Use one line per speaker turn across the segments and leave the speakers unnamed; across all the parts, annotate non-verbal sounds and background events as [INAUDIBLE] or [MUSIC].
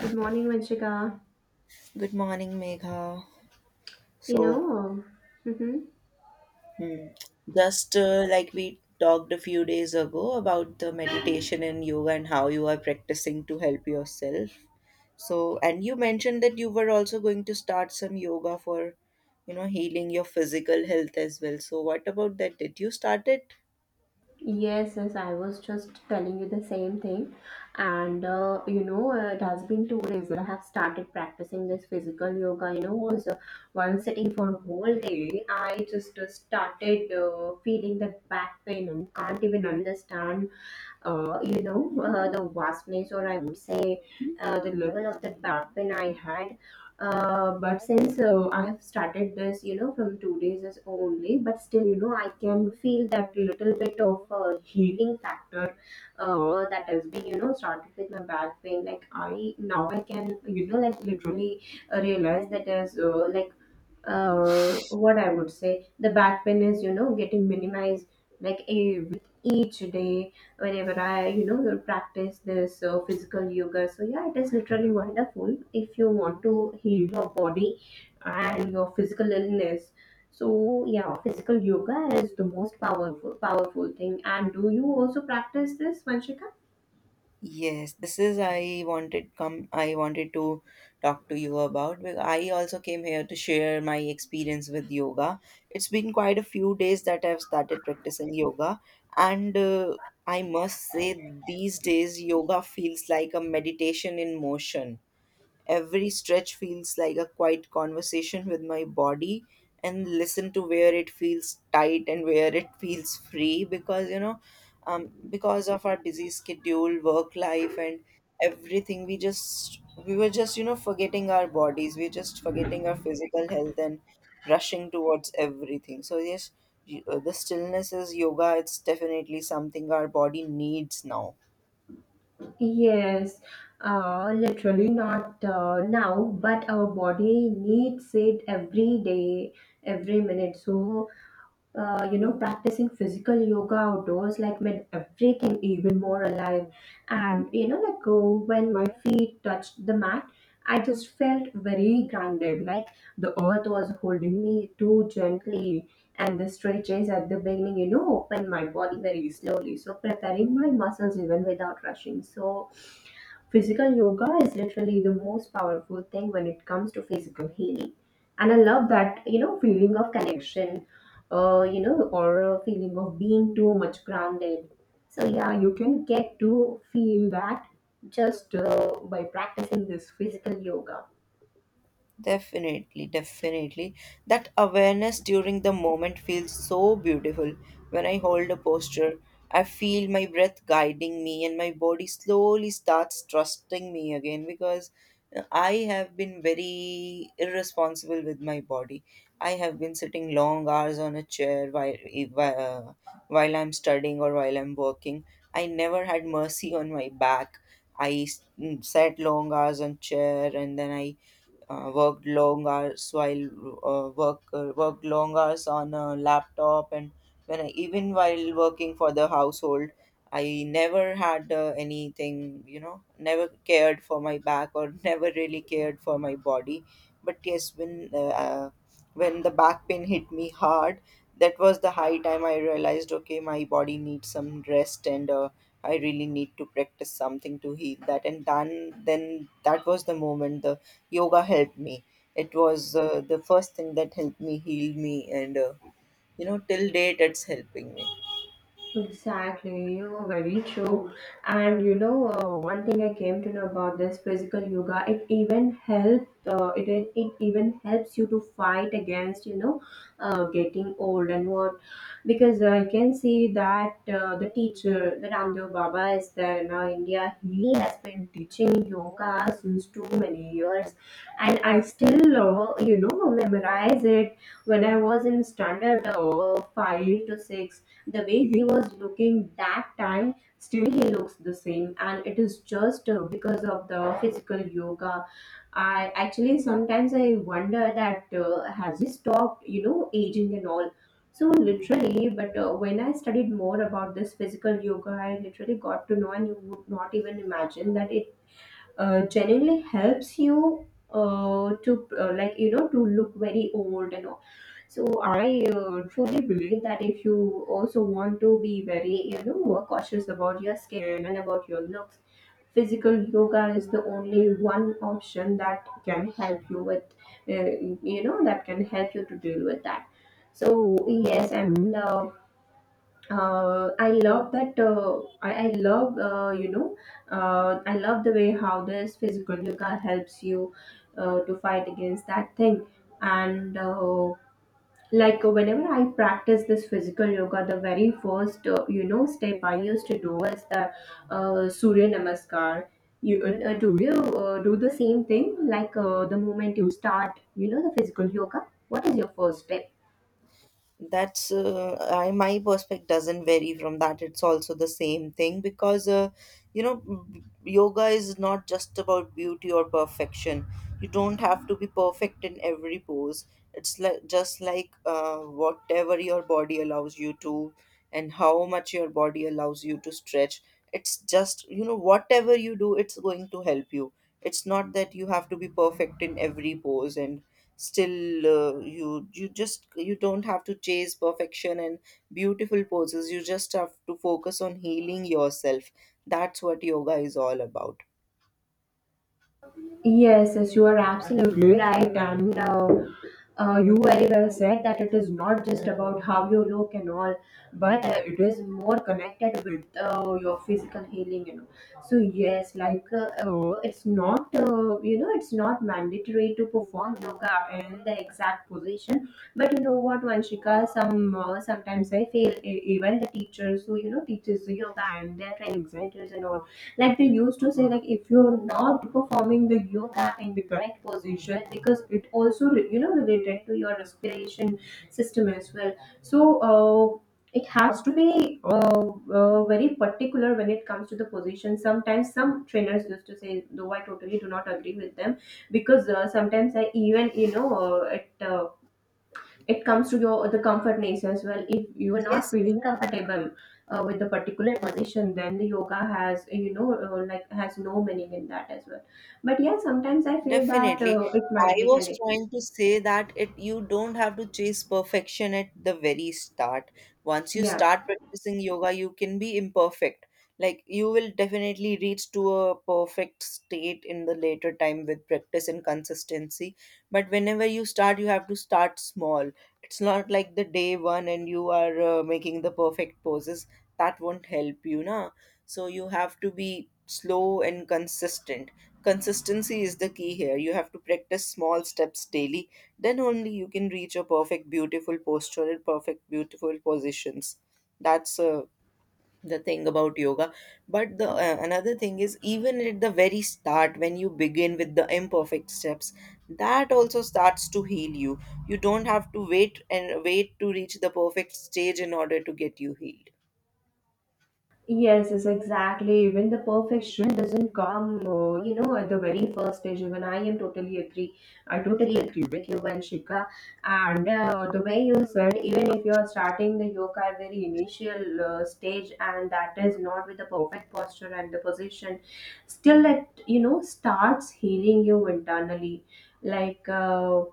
Good morning, Vanshika.
Good morning, Megha.
You
So,
know, mhm.
hmm, just like we talked a few days ago about the meditation and yoga and how you are practicing to help yourself. And you mentioned that you were also going to start some yoga for, healing your physical health as well. So, what about that? Did you start it?
Yes, yes, I was just telling you the same thing. It has been 2 days that I have started practicing this physical yoga. While sitting for a whole day, I just started feeling that back pain and can't even understand the vastness, or I would say the level of the backpain I had. But since I have started this, from 2 days is only, but still, I can feel that little bit of healing factor that has been, started with my back pain. Like I now I can, like literally realize that, as like what I would say, the back pain is, getting minimized like a, with each day whenever I, will practice this physical yoga. So, yeah, it is literally wonderful if you want to heal your body and your physical illness. So, yeah, physical yoga is the most powerful, powerful thing. And do you also practice this, Vanshika?
Yes, this is I wanted to talk to you about because I also came here to share my experience with yoga. It's been quite a few days that I've started practicing yoga and I must say these days yoga feels like a meditation in motion. Every stretch feels like a quiet conversation with my body and listen to where it feels tight and where it feels free because because of our busy schedule work life and everything we were just forgetting our bodies, we're just forgetting our physical health and rushing towards everything. So yes, the stillness is yoga, it's definitely something our body needs now.
Yes, literally not now, but our body needs it every day, every minute. So, practicing physical yoga outdoors like made everything even more alive. And, like oh, when my feet touched the mat, I just felt very grounded, like the earth was holding me too gently. And the stretches at the beginning, opened my body very slowly, so preparing my muscles even without rushing. So, physical yoga is literally the most powerful thing when it comes to physical healing. And I love that, feeling of connection, or a feeling of being too much grounded. So, yeah, you can get to feel that just by practicing this physical yoga.
Definitely, definitely. That awareness during the moment feels so beautiful. When I hold a posture, I feel my breath guiding me and my body slowly starts trusting me again because I have been very irresponsible with my body. I have been sitting long hours on a chair, while, if- while I'm studying or while I'm working. I never had mercy on my back. I sat long hours on chair and then I worked long hours while worked long hours on a laptop and even while working for the household, I never had anything, never cared for my back or [LAUGHS] never really cared for my body. But yes, when the back pain hit me hard, that was the high time I realized okay, my body needs some rest and I really need to practice something to heal that, and then that was the moment the yoga helped me. It was the first thing that helped me heal me, and you know, till date, it's helping me.
Exactly, you're very true. And you know, one thing I came to know about this physical yoga, it even helps. It it even helps you to fight against, you know, getting old and what, because I can see that, the teacher, the Ramdev Baba, is there now in India. He has been teaching yoga since too many years, and I still, you know, memorize it when I was in standard five to six. The way he was looking that time, still he looks the same, and it is just because of the physical yoga. I actually sometimes I wonder that has he stopped, you know, aging and all. So literally, but when I studied more about this physical yoga, I literally got to know, and you would not even imagine that genuinely helps you to like, you know, to look very old and all. So I truly believe that if you also want to be very, you know, more cautious about your skin and about your looks, physical yoga is the only one option that can help you with, uh, you know, that can help you to deal with that. So yes, and I love that. I love, you know, I love the way how this physical yoga helps you to fight against that thing. And like whenever I practice this physical yoga, the very first, step I used to do was the Surya Namaskar. Do you do the same thing? Like, the moment you start, the physical yoga, what is your first step?
My perspective doesn't vary from that, it's also the same thing. Because yoga is not just about beauty or perfection. You don't have to be perfect in every pose. It's like just like whatever your body allows you to and how much your body allows you to stretch, it's just, you know, whatever you do it's going to help you. It's not that you have to be perfect in every pose, and still you don't have to chase perfection and beautiful poses. You just have to focus on healing yourself. That's what yoga is all about.
Yes, yes, you are absolutely right, and you very well said that it is not just about how you look and all, but it is more connected with your physical healing, you know. So yes, it's not mandatory to perform yoga in the exact position, but you know what, Vanshika, sometimes I feel, even the teachers who, you know, teaches yoga and their training centers and all, like they used to say, like if you're not performing the yoga in the correct position, because it also, you know, related to your respiration system as well. So uh, it has to be very particular when it comes to the position. Sometimes some trainers used to say, though I totally do not agree with them, because sometimes I even, you know, it comes to your the comfortness as well. If you are not
Yes, yes.
feeling comfortable with the particular position, then the yoga has, you know, like, has no meaning in that as well. But yeah, sometimes I feel that
Definitely.
it
I
might be
was
connected.
trying to say that it you don't have to chase perfection at the very start. Once you
Yeah.
start practicing yoga, you can be imperfect. Like, you will definitely reach to a perfect state in the later time with practice and consistency. But whenever you start, you have to start small. It's not like the day one and you are making the perfect poses. That won't help you, na. So you have to be slow and consistent. Consistency is the key here. You have to practice small steps daily. Then only you can reach a perfect, beautiful posture and perfect, beautiful positions. That's the thing about yoga. But the another thing is, even at the very start, when you begin with the imperfect steps, that also starts to heal you. You don't have to wait and wait to reach the perfect stage in order to get you healed.
Yes, yes, exactly. Even the perfection doesn't come, at the very first stage. Even I am totally agree. I totally agree with you, Vanshika. And the way you said, even if you are starting the yoga at very initial stage, and that is not with the perfect posture and the position, still it, you know, starts healing you internally. Like. Uh,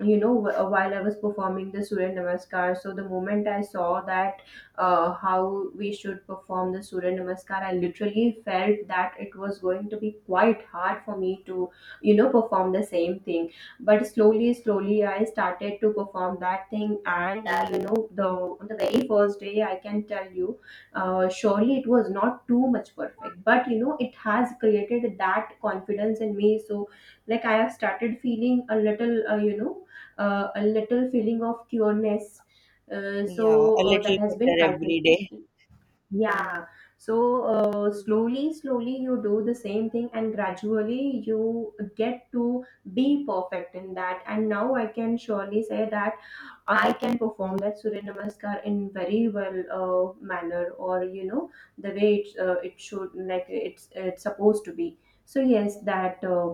you know, wh- while I was performing the Surya Namaskar, so the moment I saw that how we should perform the Surya Namaskar, I literally felt that it was going to be quite hard for me to, you know, perform the same thing. But slowly, slowly, I started to perform that thing, and you know, the on the very first day, I can tell you, surely it was not too much perfect, but you know, it has created that confidence in me. So, like, I have started feeling a little, a little feeling of cureness
Yeah, a little
that has been
better every
cultivated.
day.
Yeah. So, slowly slowly you do the same thing, and gradually you get to be perfect in that, and now I can surely say that I can perform that Surya Namaskar in very well manner, or you know, the way it's it should like it's supposed to be. So yes, that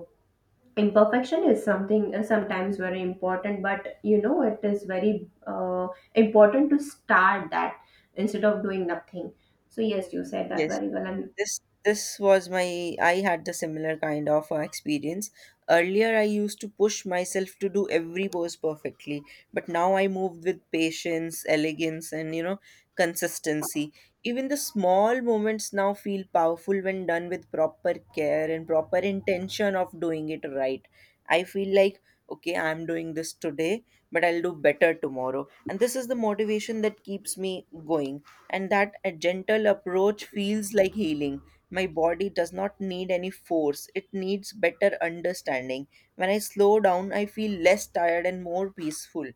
imperfection is something sometimes very important, but you know, it is very important to start that instead of doing nothing. So yes, you said that
Yes.
very well, and
this this was my, I had the similar kind of experience. Earlier I used to push myself to do every pose perfectly, but now I moved with patience, elegance, and you know, consistency. Even the small moments now feel powerful when done with proper care and proper intention of doing it right. I feel like okay, I'm doing this today, but I'll do better tomorrow, and this is the motivation that keeps me going. And that a gentle approach feels like healing. My body does not need any force, it needs better understanding. When I slow down, I feel less tired and more peaceful.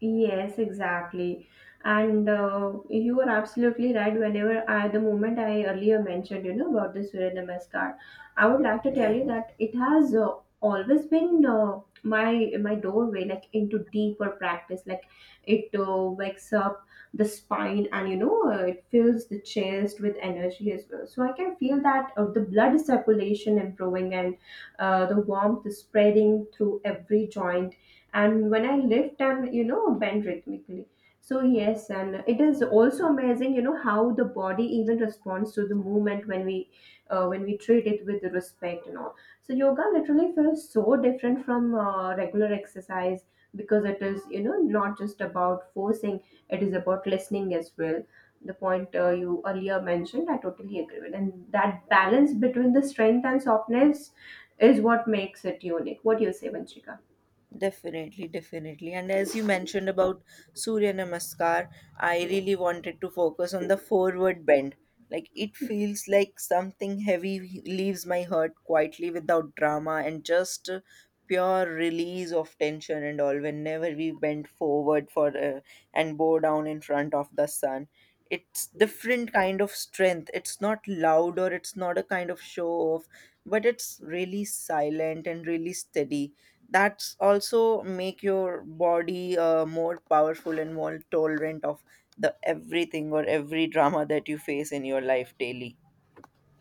yes, exactly. And you are absolutely right. The moment I earlier mentioned, you know, about the Surya Namaskar, I would like to tell you
Yeah.
that it has always been my doorway, like, into deeper practice. Like, it wakes up the spine, and you know, it fills the chest with energy as well. So I can feel that the blood circulation improving and the warmth is spreading through every joint, and when I lift and, you know, bend rhythmically. So yes, and it is also amazing, you know, how the body even responds to the movement when we treat it with respect and all. So yoga literally feels so different from regular exercise, because it is, you know, not just about forcing; it is about listening as well. The point you earlier mentioned, I totally agree with, and that balance between the strength and softness is what makes it unique. What do you say, Vanchika?
Definitely, definitely. And as you mentioned about Surya Namaskar, I really wanted to focus on the forward bend. Like, it feels like something heavy leaves my heart quietly without drama and just pure release of tension and all. Whenever we bend forward for and bow down in front of the sun, it's different kind of strength. It's not loud or it's not a kind of show off, but it's really silent and really steady. That's also make your body more powerful and more tolerant of the everything or every drama that you face in your life daily.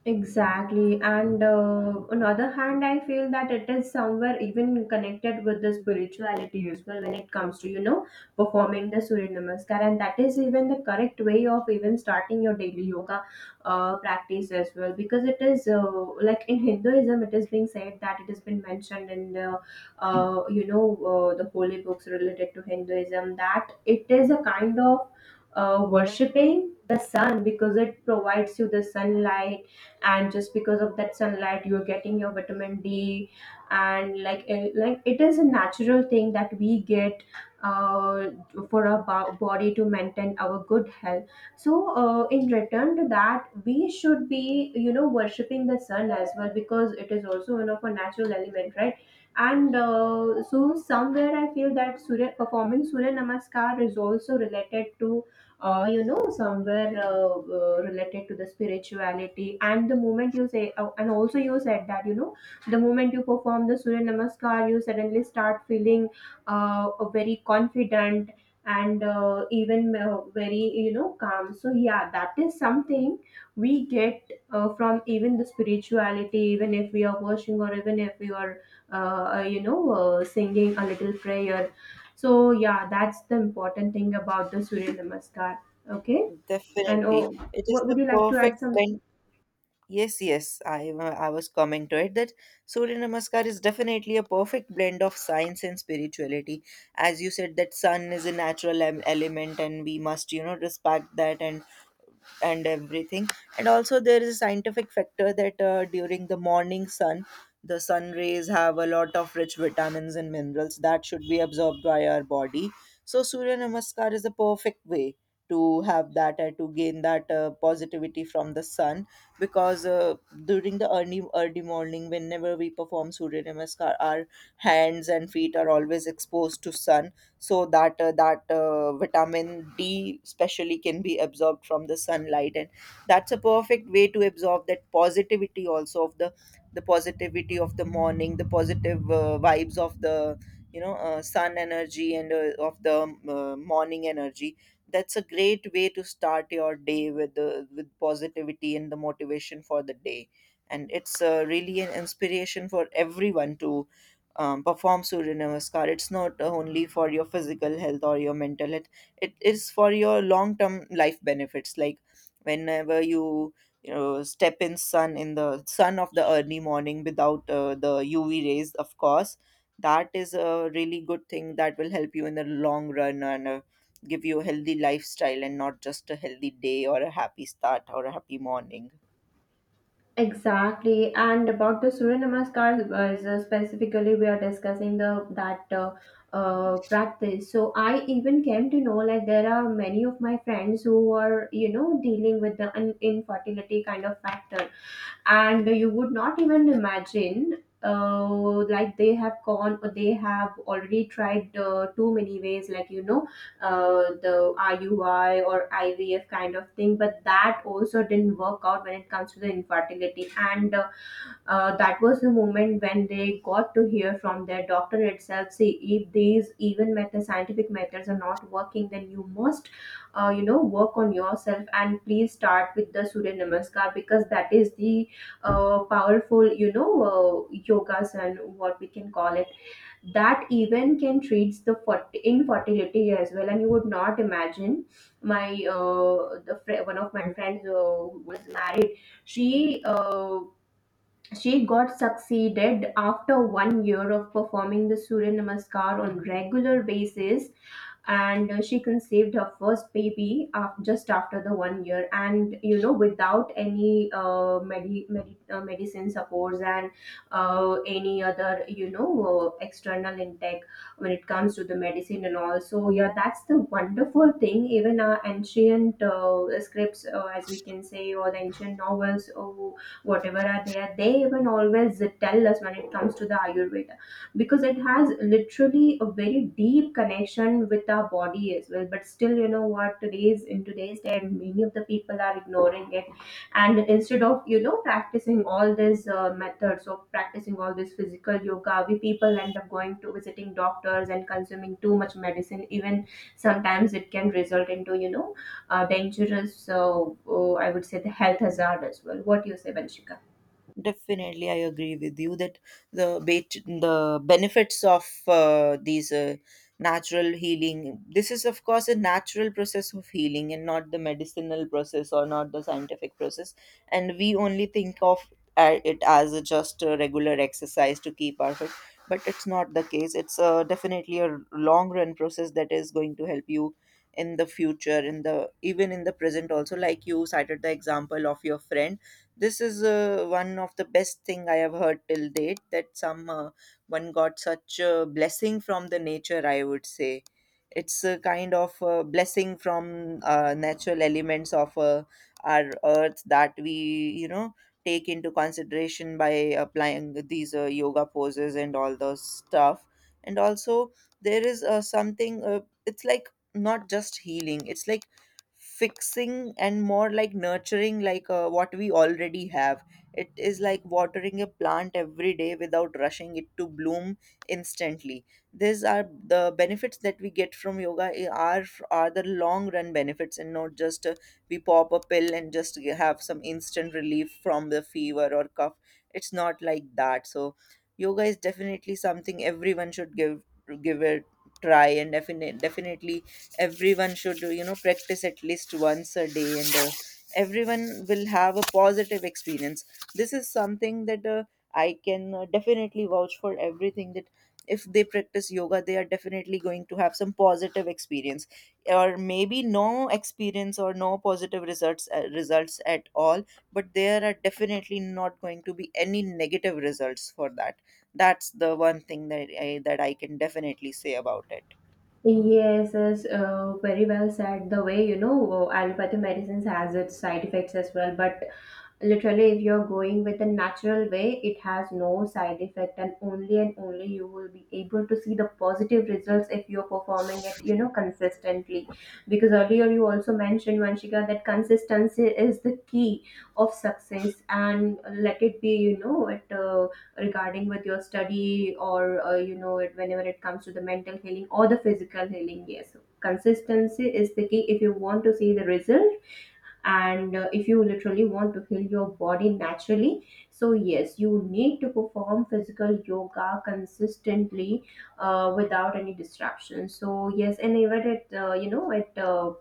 Exactly. And on other hand, I feel that it is somewhere even connected with the spirituality as well, when it comes to, you know, performing the Surya Namaskar. And that is even the correct way of even starting your daily yoga practice as well. Because it is, like in Hinduism, it is being said that it has been mentioned in the, the holy books related to Hinduism, that it is a kind of worshipping the sun, because it provides you the sunlight, and just because of that sunlight, you're getting your vitamin D, and like, it is a natural thing that we get uh, for our body, to maintain our good health. So in return to that, we should be, you know, worshipping the sun as well, because it is also one of our natural element, right? And so somewhere I feel that surya performing Surya Namaskar is also related to, you know, somewhere related to the spirituality. And the moment you say, and also you said that, you know, the moment you perform the Surya Namaskar, you suddenly start feeling uh, very confident, and even very, you know, calm. So yeah, that is something we get from even the spirituality, even if we are worshiping, or even if we are singing a little prayer. So yeah, that's the important thing about the Surya Namaskar. Okay, and
Definitely,
oh,
it is
what
the
would you like to
perfect
add something?
blend. Yes, yes, I was coming to it that Surya Namaskar is definitely a perfect blend of science and spirituality. As you said that sun is a natural element and we must, you know, respect that and everything. And also there is a scientific factor that during the morning sun, the sun rays have a lot of rich vitamins and minerals that should be absorbed by our body. So Surya Namaskar is a perfect way to have that and to gain that positivity from the sun. Because during the early morning whenever we perform Surya Namaskar, our hands and feet are always exposed to sun, so that vitamin D especially can be absorbed from the sunlight. And that's a perfect way to absorb that positivity also of the positivity of the morning, the positive vibes of the, sun energy and of the morning energy. That's a great way to start your day with the with positivity and the motivation for the day. And it's really an inspiration for everyone to perform Surya Namaskar. It's not only for your physical health or your mental health, it is for your long term life benefits. Like whenever you, you know, step in sun in the sun of the early morning without the UV rays of course, that is a really good thing that will help you in the long run and give you a healthy lifestyle and not just a healthy day or a happy start or a happy morning.
Exactly, and about the Surya Namaskar, so specifically, we are discussing the that practice. So I even came to know like there are many of my friends who are you know dealing with the infertility kind of factor and you would not even imagine like they have gone or they have already tried too many ways like you know the IUI or IVF kind of thing, but that also didn't work out when it comes to the infertility and that was the moment when they got to hear from their doctor itself. See, if these even methods, scientific methods, are not working, then you must, you know, work on yourself and please start with the Surya Namaskar because that is the powerful, you know, yogas and what we can call it that even can treat the infertility as well. And you would not imagine my one of my friends who was married, she uh, she got succeeded after 1 year of performing the Surya Namaskar on regular basis. And she conceived her first baby just after the 1 year, and you know, without any medicine supports and any other, you know, external intake when it comes to the medicine and all. So yeah, that's the wonderful thing. Even our ancient scripts, as we can say, or the ancient novels or whatever are there, they even always tell us when it comes to the ayurveda because it has literally a very deep connection with our body as well. But still, you know what, today's day, many of the people are ignoring it, and instead of you know practicing all these methods of practicing all this physical yoga, we people end up going to visiting doctors and consuming too much medicine. Even sometimes it can result into you know dangerous I would say the health hazard as well. What do you say, Vanshika?
Definitely, I agree with you that the benefits of these natural healing. This is, of course, a natural process of healing, and not the medicinal process or not the scientific process. And we only think of it as a just a regular exercise to keep our fit, but it's not the case. It's definitely a long run process that is going to help you in the future, in the even in the present. Also, like you cited the example of your friend, this is one of the best thing I have heard till date, that some one got such a blessing from the nature. I would say it's a kind of a blessing from natural elements of our earth that we, you know, take into consideration by applying these yoga poses and all those stuff. And also there is something, it's like not just healing, it's like fixing and more like nurturing like what we already have. It is like watering a plant every day without rushing it to bloom instantly. These are the benefits that we get from yoga, are the long run benefits and not just we pop a pill and just have some instant relief from the fever or cough. It's not like that. So yoga is definitely something everyone should give it try, and definitely, definitely, everyone should, you know, practice at least once a day, and everyone will have a positive experience. This is something that I can definitely vouch for everything, that if they practice yoga they are definitely going to have some positive experience, or maybe no experience or no positive results, at all, but there are definitely not going to be any negative results for that. That's the one thing that I can definitely say about it.
Yes, yes, very well said. The way you know, allopathy medicines has its side effects as well, but literally if you're going with a natural way, it has no side effect, and only you will be able to see the positive results if you're performing it you know consistently, because earlier you also mentioned, Vanshika, that consistency is the key of success. And let it be, you know it regarding with your study, or you know it, whenever it comes to the mental healing or the physical healing, yes, consistency is the key if you want to see the result. And if you literally want to heal your body naturally, so yes, you need to perform physical yoga consistently, without any disruption. So yes, and even it you know it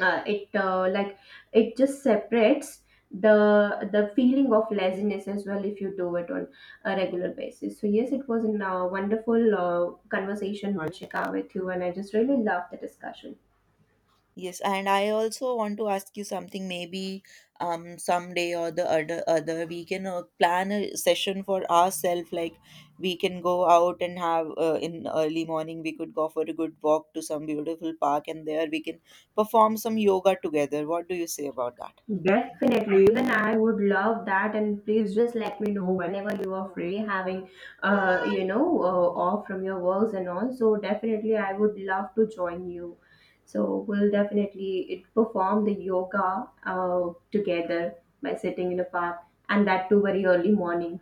it like it just separates the feeling of laziness as well if you do it on a regular basis. So yes, it was a wonderful conversation, Vanshika, with you, and I just really loved the discussion.
Yes, and I also want to ask you something. Maybe someday or the other other we can plan a session for ourselves. Like, we can go out and have in early morning. We could go for a good walk to some beautiful park, and there we can perform some yoga together. What do you say about that?
Definitely, even I would love that, and please just let me know whenever you are free, having you know, off from your works and all. So definitely, I would love to join you. So we'll definitely it perform the yoga together, by sitting in a park, and that too very early morning.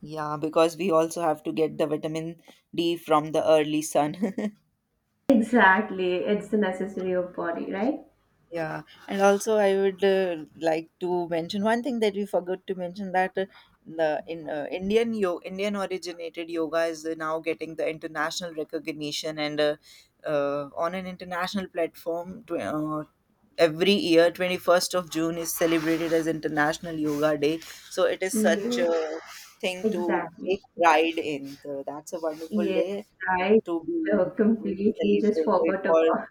Yeah, because we also have to get the vitamin D from the early sun. [LAUGHS]
Exactly, it's the necessary of body, right?
Yeah, and also I would like to mention one thing that we forgot to mention, that the in Indian originated yoga is now getting the international recognition and on an international platform. Every year, 21st of June is celebrated as International Yoga Day. So it is such
Yes,
a thing to
exactly.
take pride in. So that's a wonderful
Yes,
day
I
to be
completely just
celebrated
forgot
for.
about.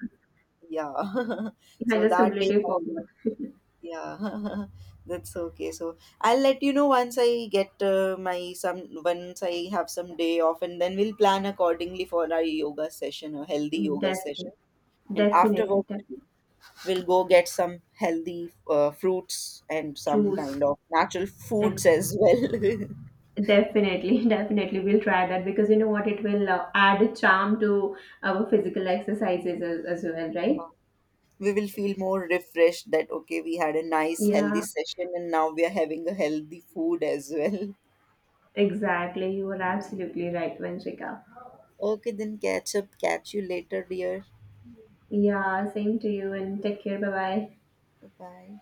Yeah. [LAUGHS]
I
So
just
that day
completely forgot. [LAUGHS]
Yeah, [LAUGHS] that's okay. So I'll let you know once I get my some once I have some day off, and then we'll plan accordingly for our yoga session, a healthy yoga session.
Definitely,
And
definitely,
afterwards,
definitely.
we'll go get some healthy fruits and some
Choose.
kind of natural
Like,
foods as well. [LAUGHS]
definitely, [LAUGHS] definitely. We'll try that because you know what? It will add a charm to our physical exercises, as well, right?
We will feel more refreshed that okay, we had a nice healthy
Yeah,
session, and now we are having a healthy food as well. [LAUGHS]
exactly. You are absolutely right, Vanshika.
Okay, then catch up. Catch you later, dear.
Yeah, same to you, and take care. Bye bye.
Bye.